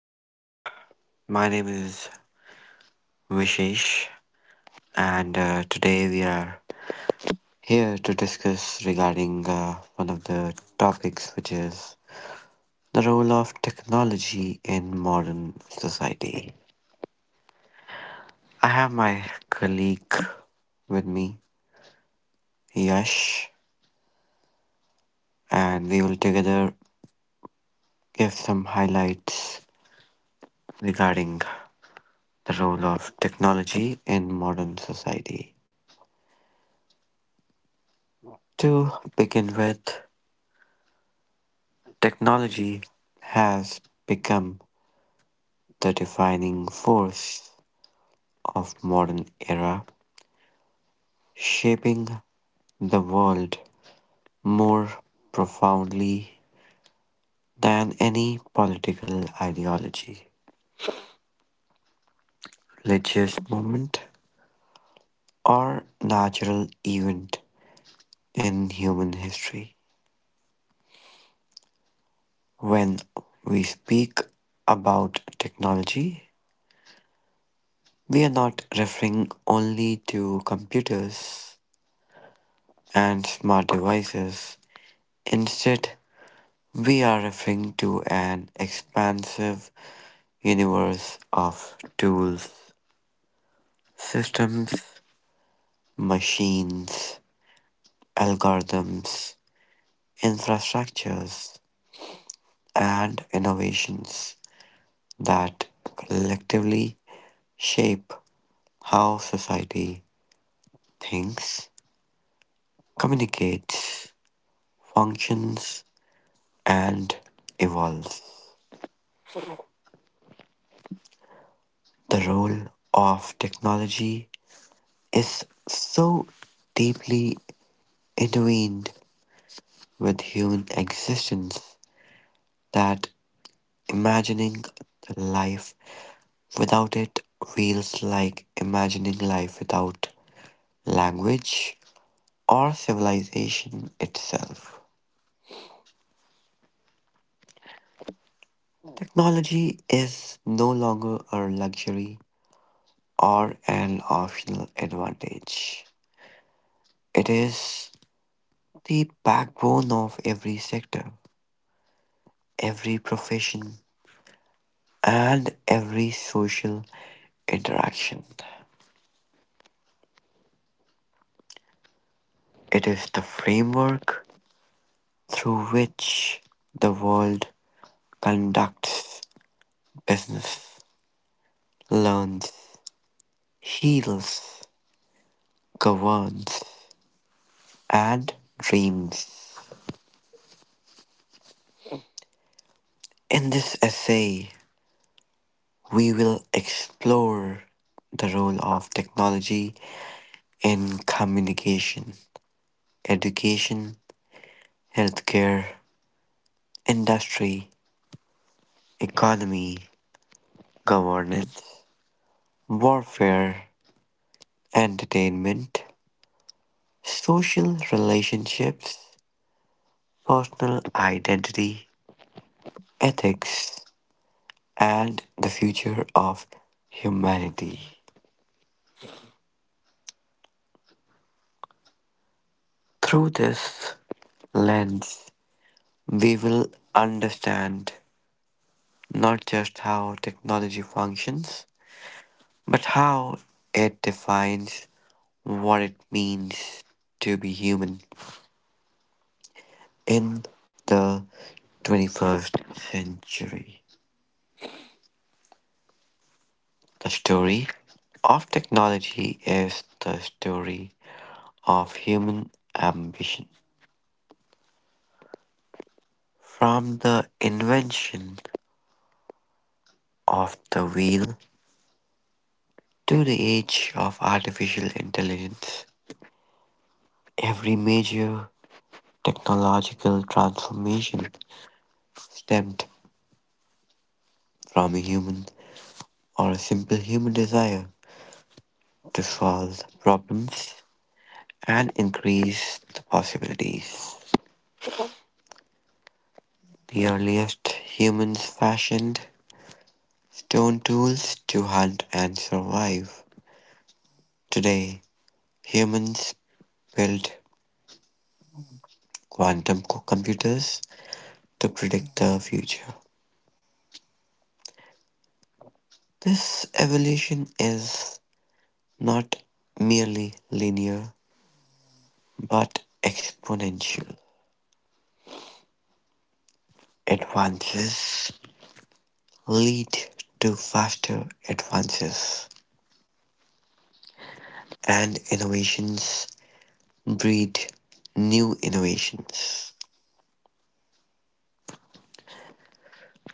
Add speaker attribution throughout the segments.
Speaker 1: Hi team, my name is Vishesh and today we are here to discuss regarding one of the topics which is the role of technology in modern society. I have my colleague with me, Yash, and we will together give some highlights regarding the role of technology in modern society. To begin with, technology has become the defining force of modern era, shaping the world more profoundly than any political ideology, religious movement, or natural event in human history. When we speak about technology, we are not referring only to computers and smart devices. Instead, we are referring to an expansive universe of tools, systems, machines, algorithms, infrastructures, and innovations that collectively shape how society thinks, communicates, functions, and evolves. The role of technology is so deeply intertwined with human existence that imagining life without it feels like imagining life without language or civilization itself. Technology is no longer a luxury or an optional advantage. It is the backbone of every sector, every profession, and every social interaction. It is the framework through which the world conducts business, learns, heals, governs, and dreams. In this essay, we will explore the role of technology in communication, education, healthcare, industry, economy, governance, warfare, entertainment, social relationships, personal identity, ethics, and the future of humanity. Through this lens, we will understand not just how technology functions, but how it defines what it means to be human in the 21st century. The story of technology is the story of human ambition. From the invention of the wheel to the age of artificial intelligence, every major technological transformation stemmed from a human or a simple human desire to solve problems and increase the possibilities. The earliest humans fashioned stone tools to hunt and survive. Today, humans build computers to predict the future. This evolution is not merely linear but exponential. Advances lead to faster advances, and innovations breed new innovations.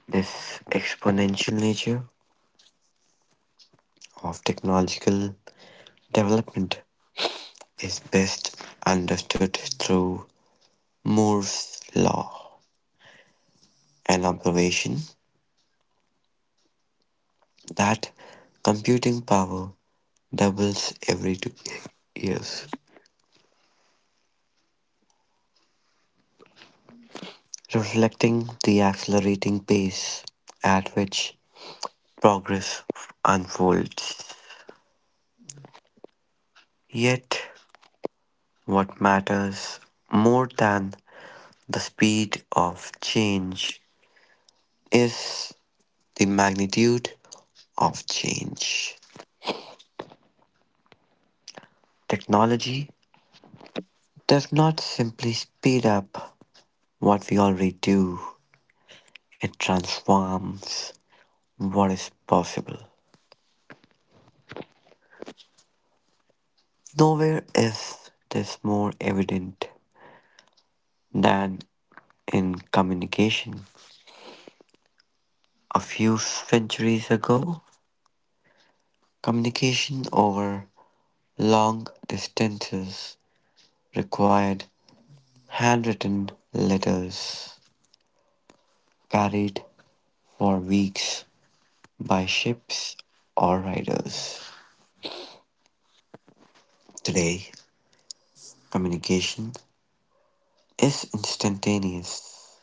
Speaker 1: This exponential nature of technological development is best understood through Moore's law, an observation that computing power doubles every 2 years, reflecting the accelerating pace at which progress unfolds. Yet, what matters more than the speed of change is the magnitude of change. Technology does not simply speed up what we already do, it transforms what is possible. Nowhere is this more evident than in communication. A few centuries ago, communication over long distances required handwritten letters carried for weeks by ships or riders. Today, communication is instantaneous.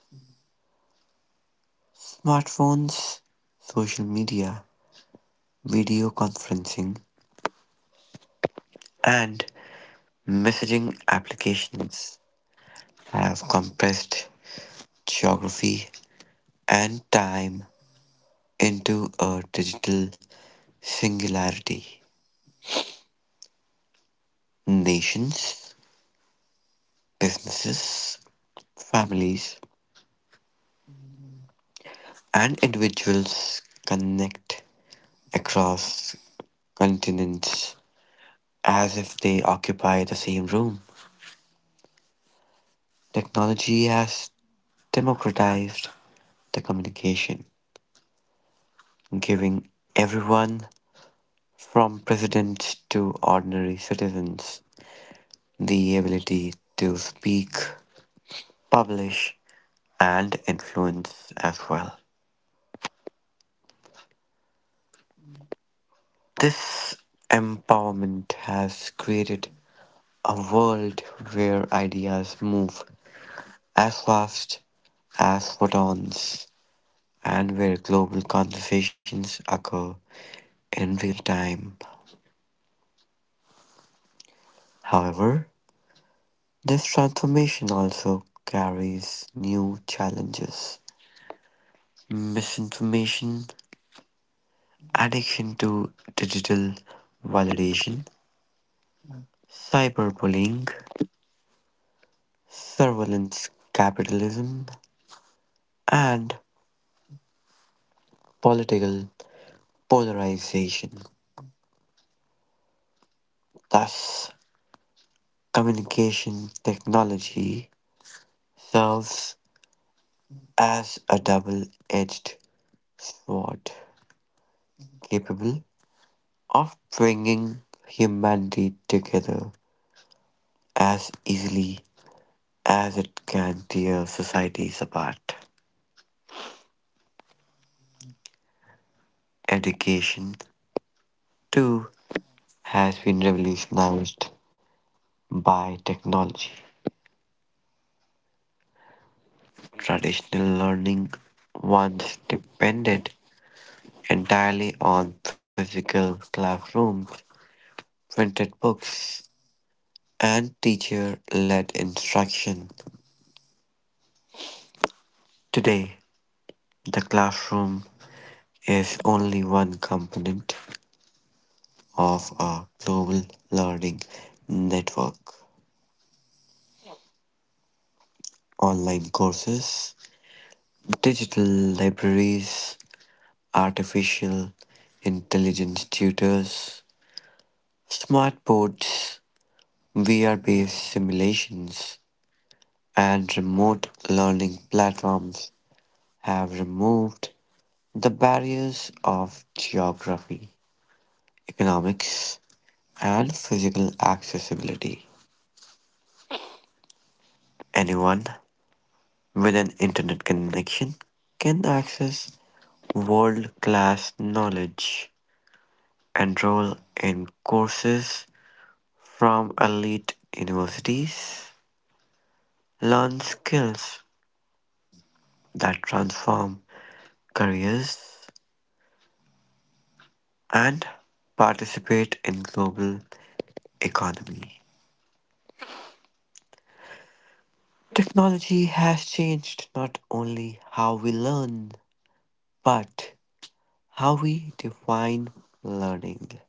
Speaker 1: Smartphones, social media, video conferencing, and messaging applications have compressed geography and time into a digital singularity. Nations, businesses, families, and individuals connect across continents as if they occupy the same room. Technology has democratized the communication, giving everyone, from presidents to ordinary citizens, the ability to speak, publish, and influence as well. This empowerment has created a world where ideas move as fast as photons and where global conversations occur in real time. However, this transformation also carries new challenges: misinformation, addiction to digital validation, cyberbullying, surveillance capitalism, and political polarization. Thus, communication technology serves as a double edged sword, capable of bringing humanity together as easily as it can tear societies apart. Education, too, has been revolutionized by technology. Traditional learning once depended entirely on physical classrooms, printed books, and teacher led instruction. Today, the classroom is only one component of a global learning network. Online courses, digital libraries, artificial intelligence tutors, smart boards, VR based simulations, and remote learning platforms have removed the barriers of geography, economics, and physical accessibility. Anyone with an internet connection can access world class knowledge, enroll in courses from elite universities. Learn skills that transform careers and participate in global economy. Technology has changed not only how we learn but how we define learning.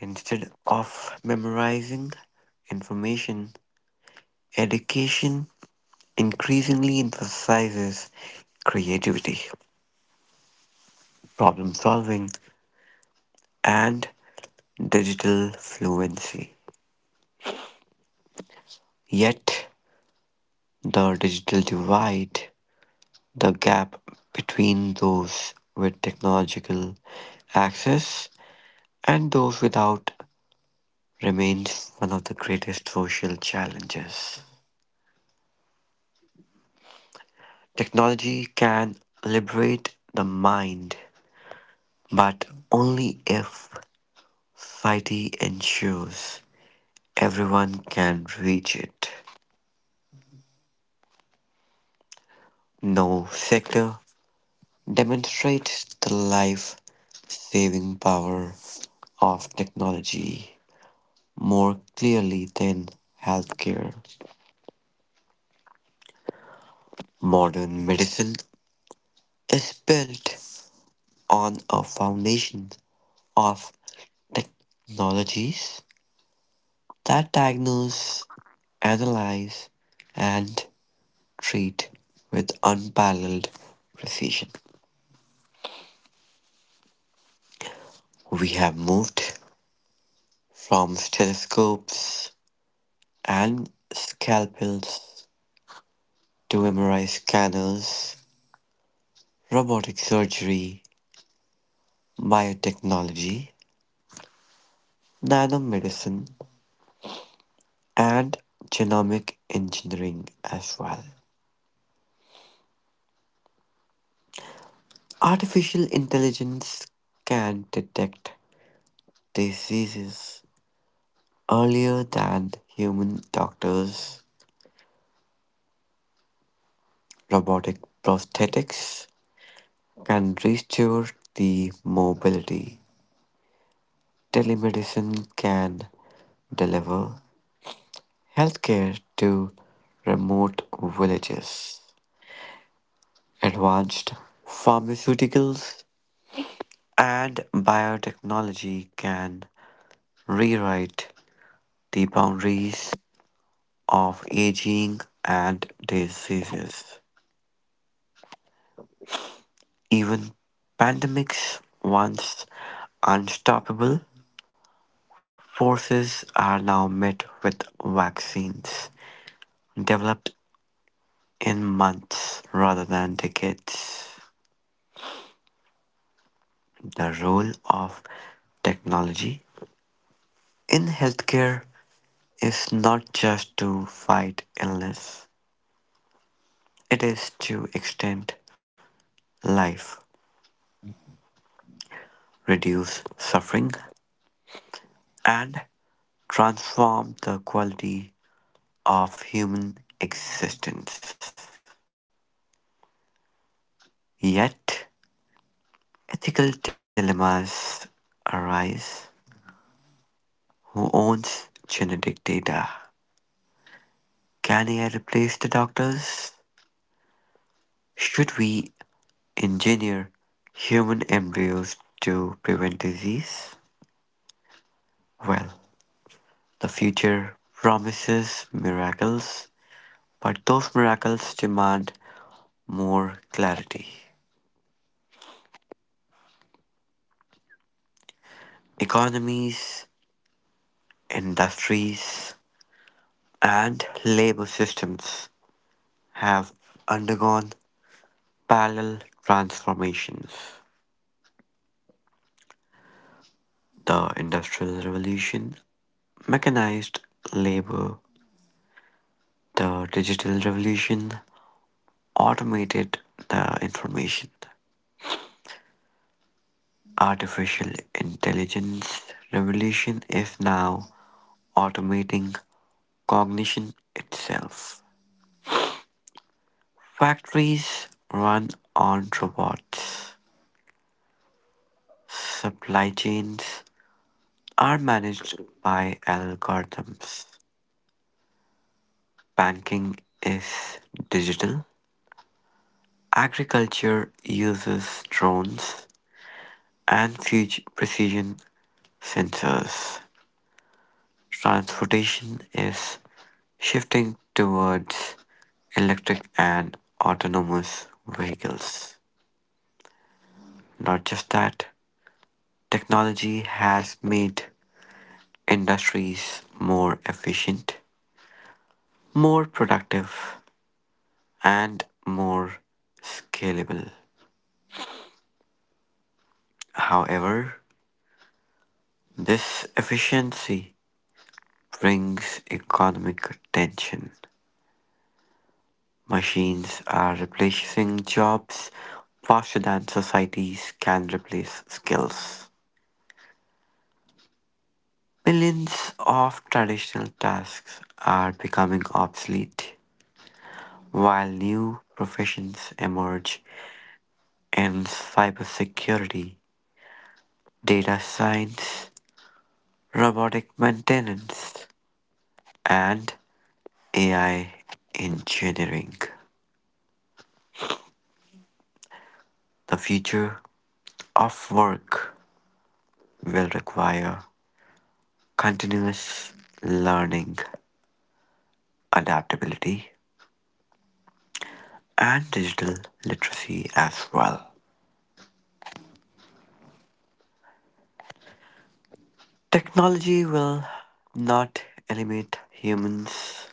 Speaker 1: Instead of memorizing information, education increasingly emphasizes creativity, problem solving, and digital fluency. Yet, the digital divide, the gap between those with technological access and those without, remains one of the greatest social challenges. Technology can liberate the mind, but only if society ensures everyone can reach it. No sector demonstrates the life-saving power of technology more clearly than healthcare. Modern medicine is built on a foundation of technologies that diagnose, analyze, and treat with unparalleled precision. We have moved from stethoscopes and scalpels to MRI scanners, robotic surgery, biotechnology, nanomedicine, and genomic engineering as well. Artificial intelligence can detect diseases earlier than human doctors. Robotic prosthetics can restore the mobility. Telemedicine can deliver healthcare to remote villages. Advanced pharmaceuticals and biotechnology can rewrite the boundaries of aging and diseases. Even pandemics, once unstoppable forces, are now met with vaccines developed in months rather than decades. The role of technology in healthcare is not just to fight illness, it is to extend life, reduce suffering, and transform the quality of human existence. Yet, ethical dilemmas arise. Who owns genetic data? Can AI replace the doctors? Should we engineer human embryos to prevent disease? Well, the future promises miracles, but those miracles demand more clarity. Economies, industries, and labor systems have undergone parallel transformations. The Industrial Revolution mechanized labor, the Digital Revolution automated the information. Artificial intelligence revolution is now automating cognition itself. Factories run on robots. Supply chains are managed by algorithms. Banking is digital. Agriculture uses drones and future precision sensors. Transportation is shifting towards electric and autonomous vehicles. Not just that, technology has made industries more efficient, more productive, and more scalable. However, this efficiency brings economic tension. Machines are replacing jobs faster than societies can replace skills. Millions of traditional tasks are becoming obsolete, while new professions emerge in cybersecurity, data science, robotic maintenance, and AI engineering. The future of work will require continuous learning, adaptability, and digital literacy as well. Technology will not eliminate humans,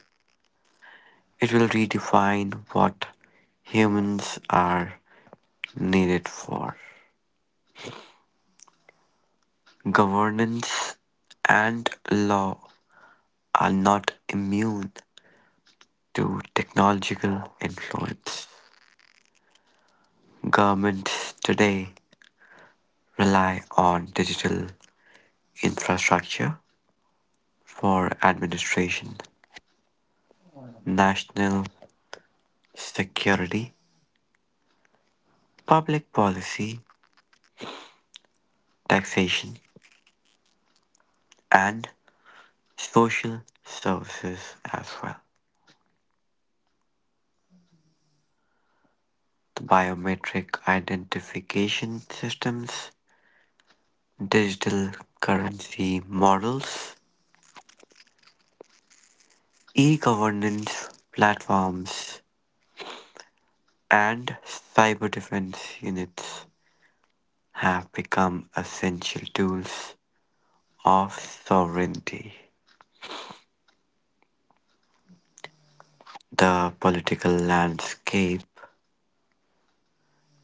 Speaker 1: it will redefine what humans are needed for. Governance and law are not immune to technological influence. Governments today rely on digital infrastructure for administration, national security, public policy, taxation, and social services as well. The biometric identification systems, digital currency models, e governance platforms, and cyber defense units have become essential tools of sovereignty. The political landscape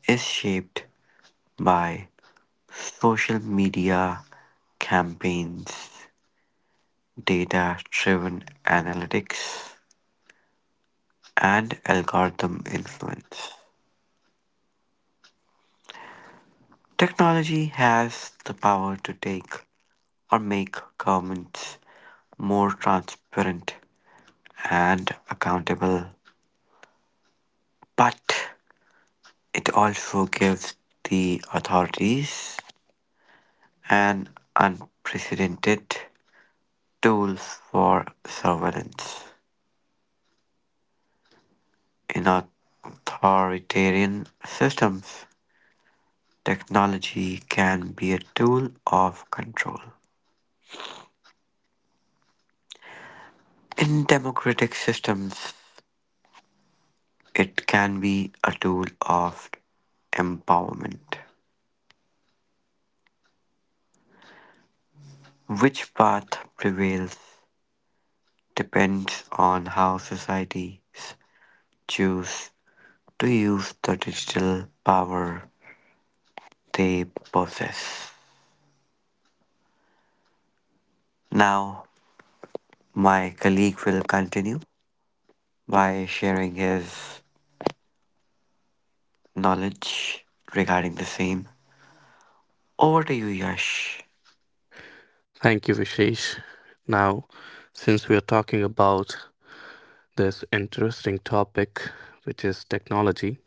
Speaker 1: is shaped by social media campaigns, data driven analytics, and algorithm influence. Technology has the power to take or make governments more transparent and accountable, but it also gives the authorities an unprecedented tool for surveillance. In authoritarian systems, technology can be a tool of control. In democratic systems, it can be a tool of empowerment. Which path prevails depends on how societies choose to use the digital power they possess. Now, my colleague will continue by sharing his knowledge regarding the same. Over to you, Yash.
Speaker 2: Thank you, Vishesh. Now, since we are talking about this interesting topic, which is technology,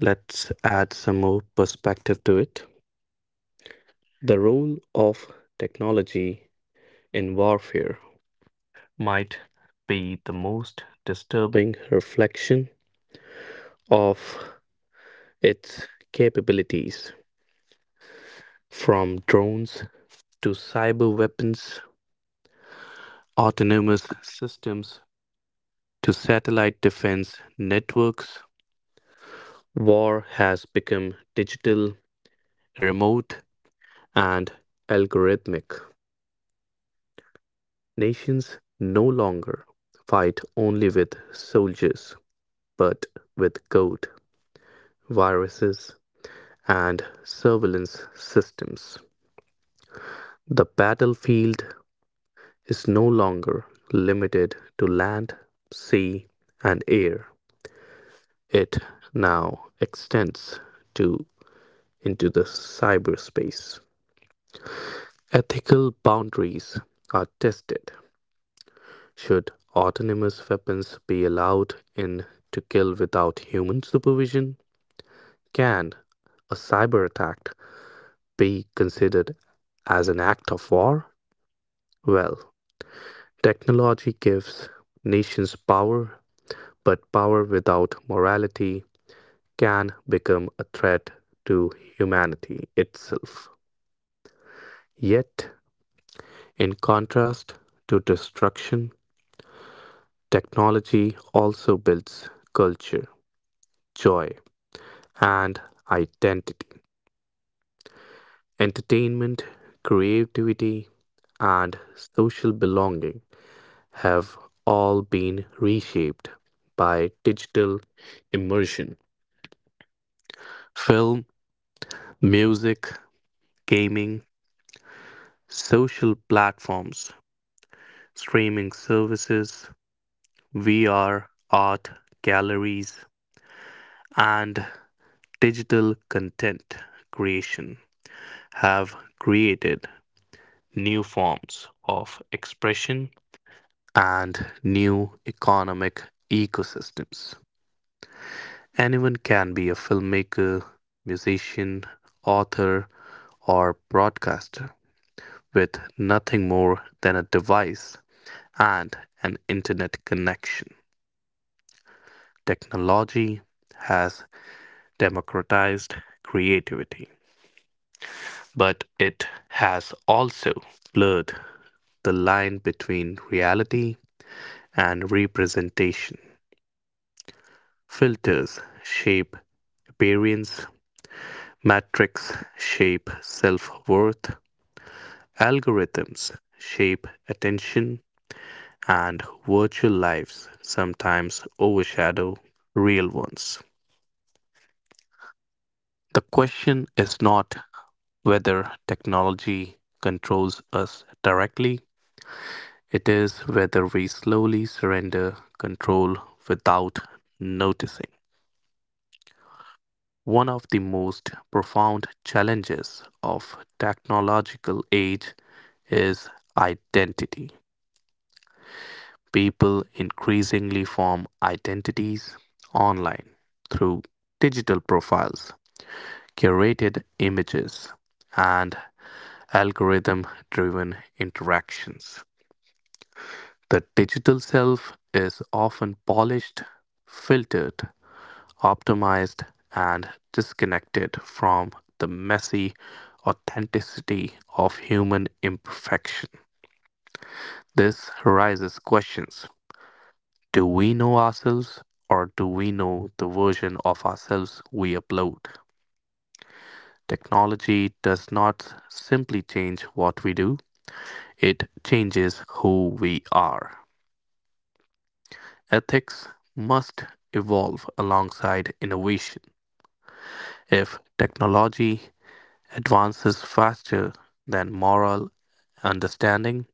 Speaker 2: let's add some more perspective to it. The role of technology in warfare might be the most disturbing reflection of its capabilities, from drones to cyber weapons, autonomous systems to satellite defense networks. War has become digital, remote, and algorithmic. Nations no longer fight only with soldiers, but with code, viruses, and surveillance systems. The battlefield is no longer limited to land, sea, and air. It now extends to into the cyberspace. Ethical boundaries are tested. Should autonomous weapons be allowed in to kill without human supervision? Can a cyber attack be considered as an act of war? Well, technology gives nations power, but power without morality can become a threat to humanity itself. Yet, in contrast to destruction, technology also builds culture, joy, and identity. Entertainment, creativity, and social belonging have all been reshaped by digital immersion. Film, music, gaming, social platforms, streaming services, VR, art, galleries, and digital content creation have created new forms of expression and new economic ecosystems. Anyone can be a filmmaker, musician, author, or broadcaster with nothing more than a device and an internet connection. Technology has democratized creativity, but it has also blurred the line between reality and representation. Filters shape appearance, metrics shape self worth, algorithms shape attention, and virtual lives sometimes overshadow real ones. The question is not whether technology controls us directly, it is whether we slowly surrender control without noticing. One of the most profound challenges of technological age is identity. People increasingly form identities online through digital profiles, curated images, and algorithm driven interactions. The digital self is often polished, filtered, optimized, and disconnected from the messy authenticity of human imperfection. This raises questions. Do we know ourselves, or do we know the version of ourselves we upload? Technology does not simply change what we do, it changes who we are. Ethics must evolve alongside innovation. If technology advances faster than moral understanding,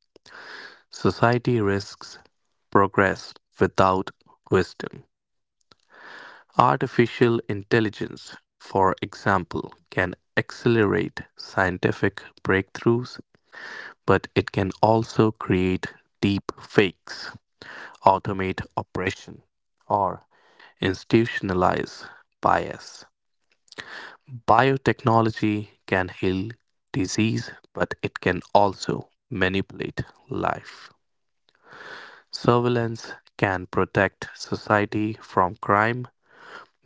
Speaker 2: society risks progress without wisdom. Artificial intelligence, for example, can accelerate scientific breakthroughs, but it can also create deep fakes, automate oppression, or institutionalize bias. Biotechnology can heal disease, but it can also manipulate life. Surveillance can protect society from crime,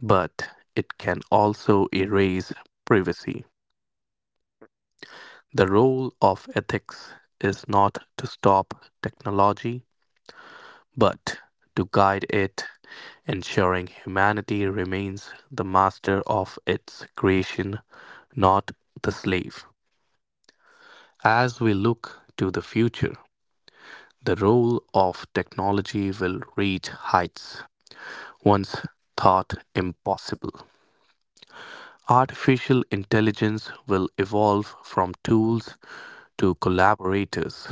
Speaker 2: but it can also erase privacy. The role of ethics is not to stop technology, but to guide it, ensuring humanity remains the master of its creation, not the slave. As we look to the future, the role of technology will reach heights once thought impossible. Artificial intelligence will evolve from tools to collaborators.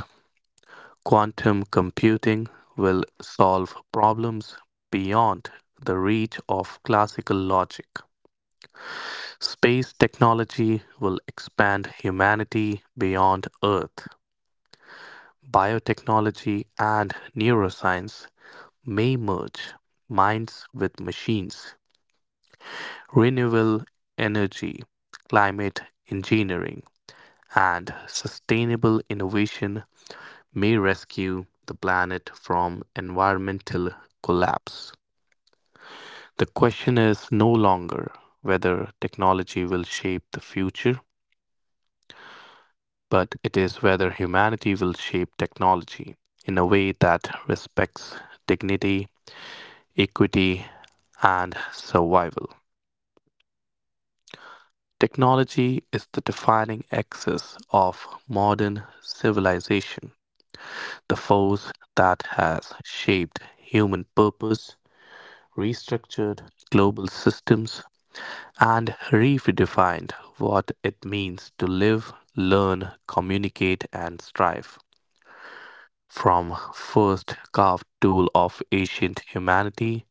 Speaker 2: Quantum computing will solve problems beyond the reach of classical logic. Space technology will expand humanity beyond Earth. Biotechnology and neuroscience may merge minds with machines. Renewable energy, climate engineering, and sustainable innovation may rescue the planet from environmental collapse. The question is no longer whether technology will shape the future, but it is whether humanity will shape technology in a way that respects dignity, equity, and survival. Technology is the defining axis of modern civilization, the force that has shaped human purpose, restructured global systems, and redefined what it means to live, learn, communicate, and strive. From first carved tool of ancient humanity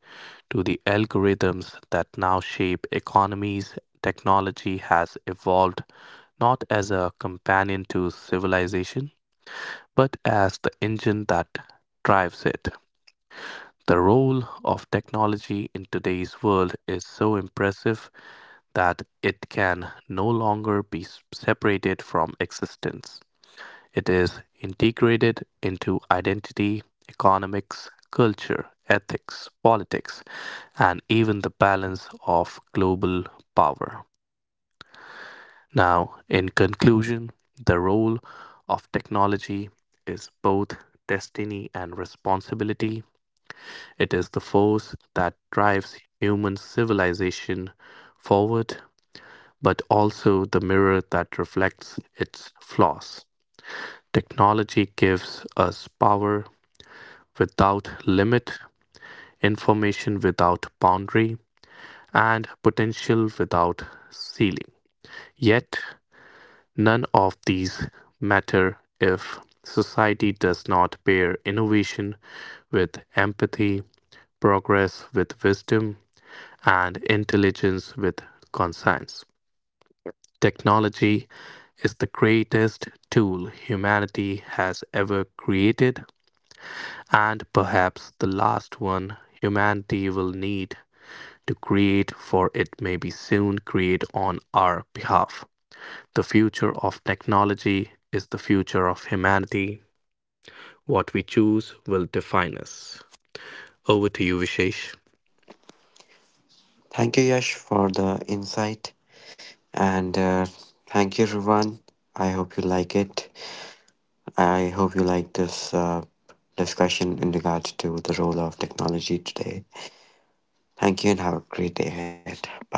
Speaker 2: to the algorithms that now shape economies, technology has evolved not as a companion to civilization, but as the engine that drives it. The role of technology in today's world is so impressive that it can no longer be separated from existence. It is integrated into identity, economics, culture, ethics, politics, and even the balance of global power. Now, in conclusion, the role of technology is both destiny and responsibility. It is the force that drives human civilization forward, but also the mirror that reflects its flaws. Technology gives us power without limit, information without boundary, and potential without ceiling. Yet, none of these matter if society does not pair innovation with empathy, progress with wisdom, and intelligence with conscience. Technology is the greatest tool humanity has ever created, and perhaps the last one humanity will need to create, for it may be soon create on our behalf. The future of technology is the future of humanity. What we choose will define us. Over to you, Vishesh.
Speaker 1: Thank you, Yash, for the insight. And Thank you, Ruvan. I hope you like it. I hope you like this discussion in regards to the role of technology today. Thank you and have a great day ahead. Bye.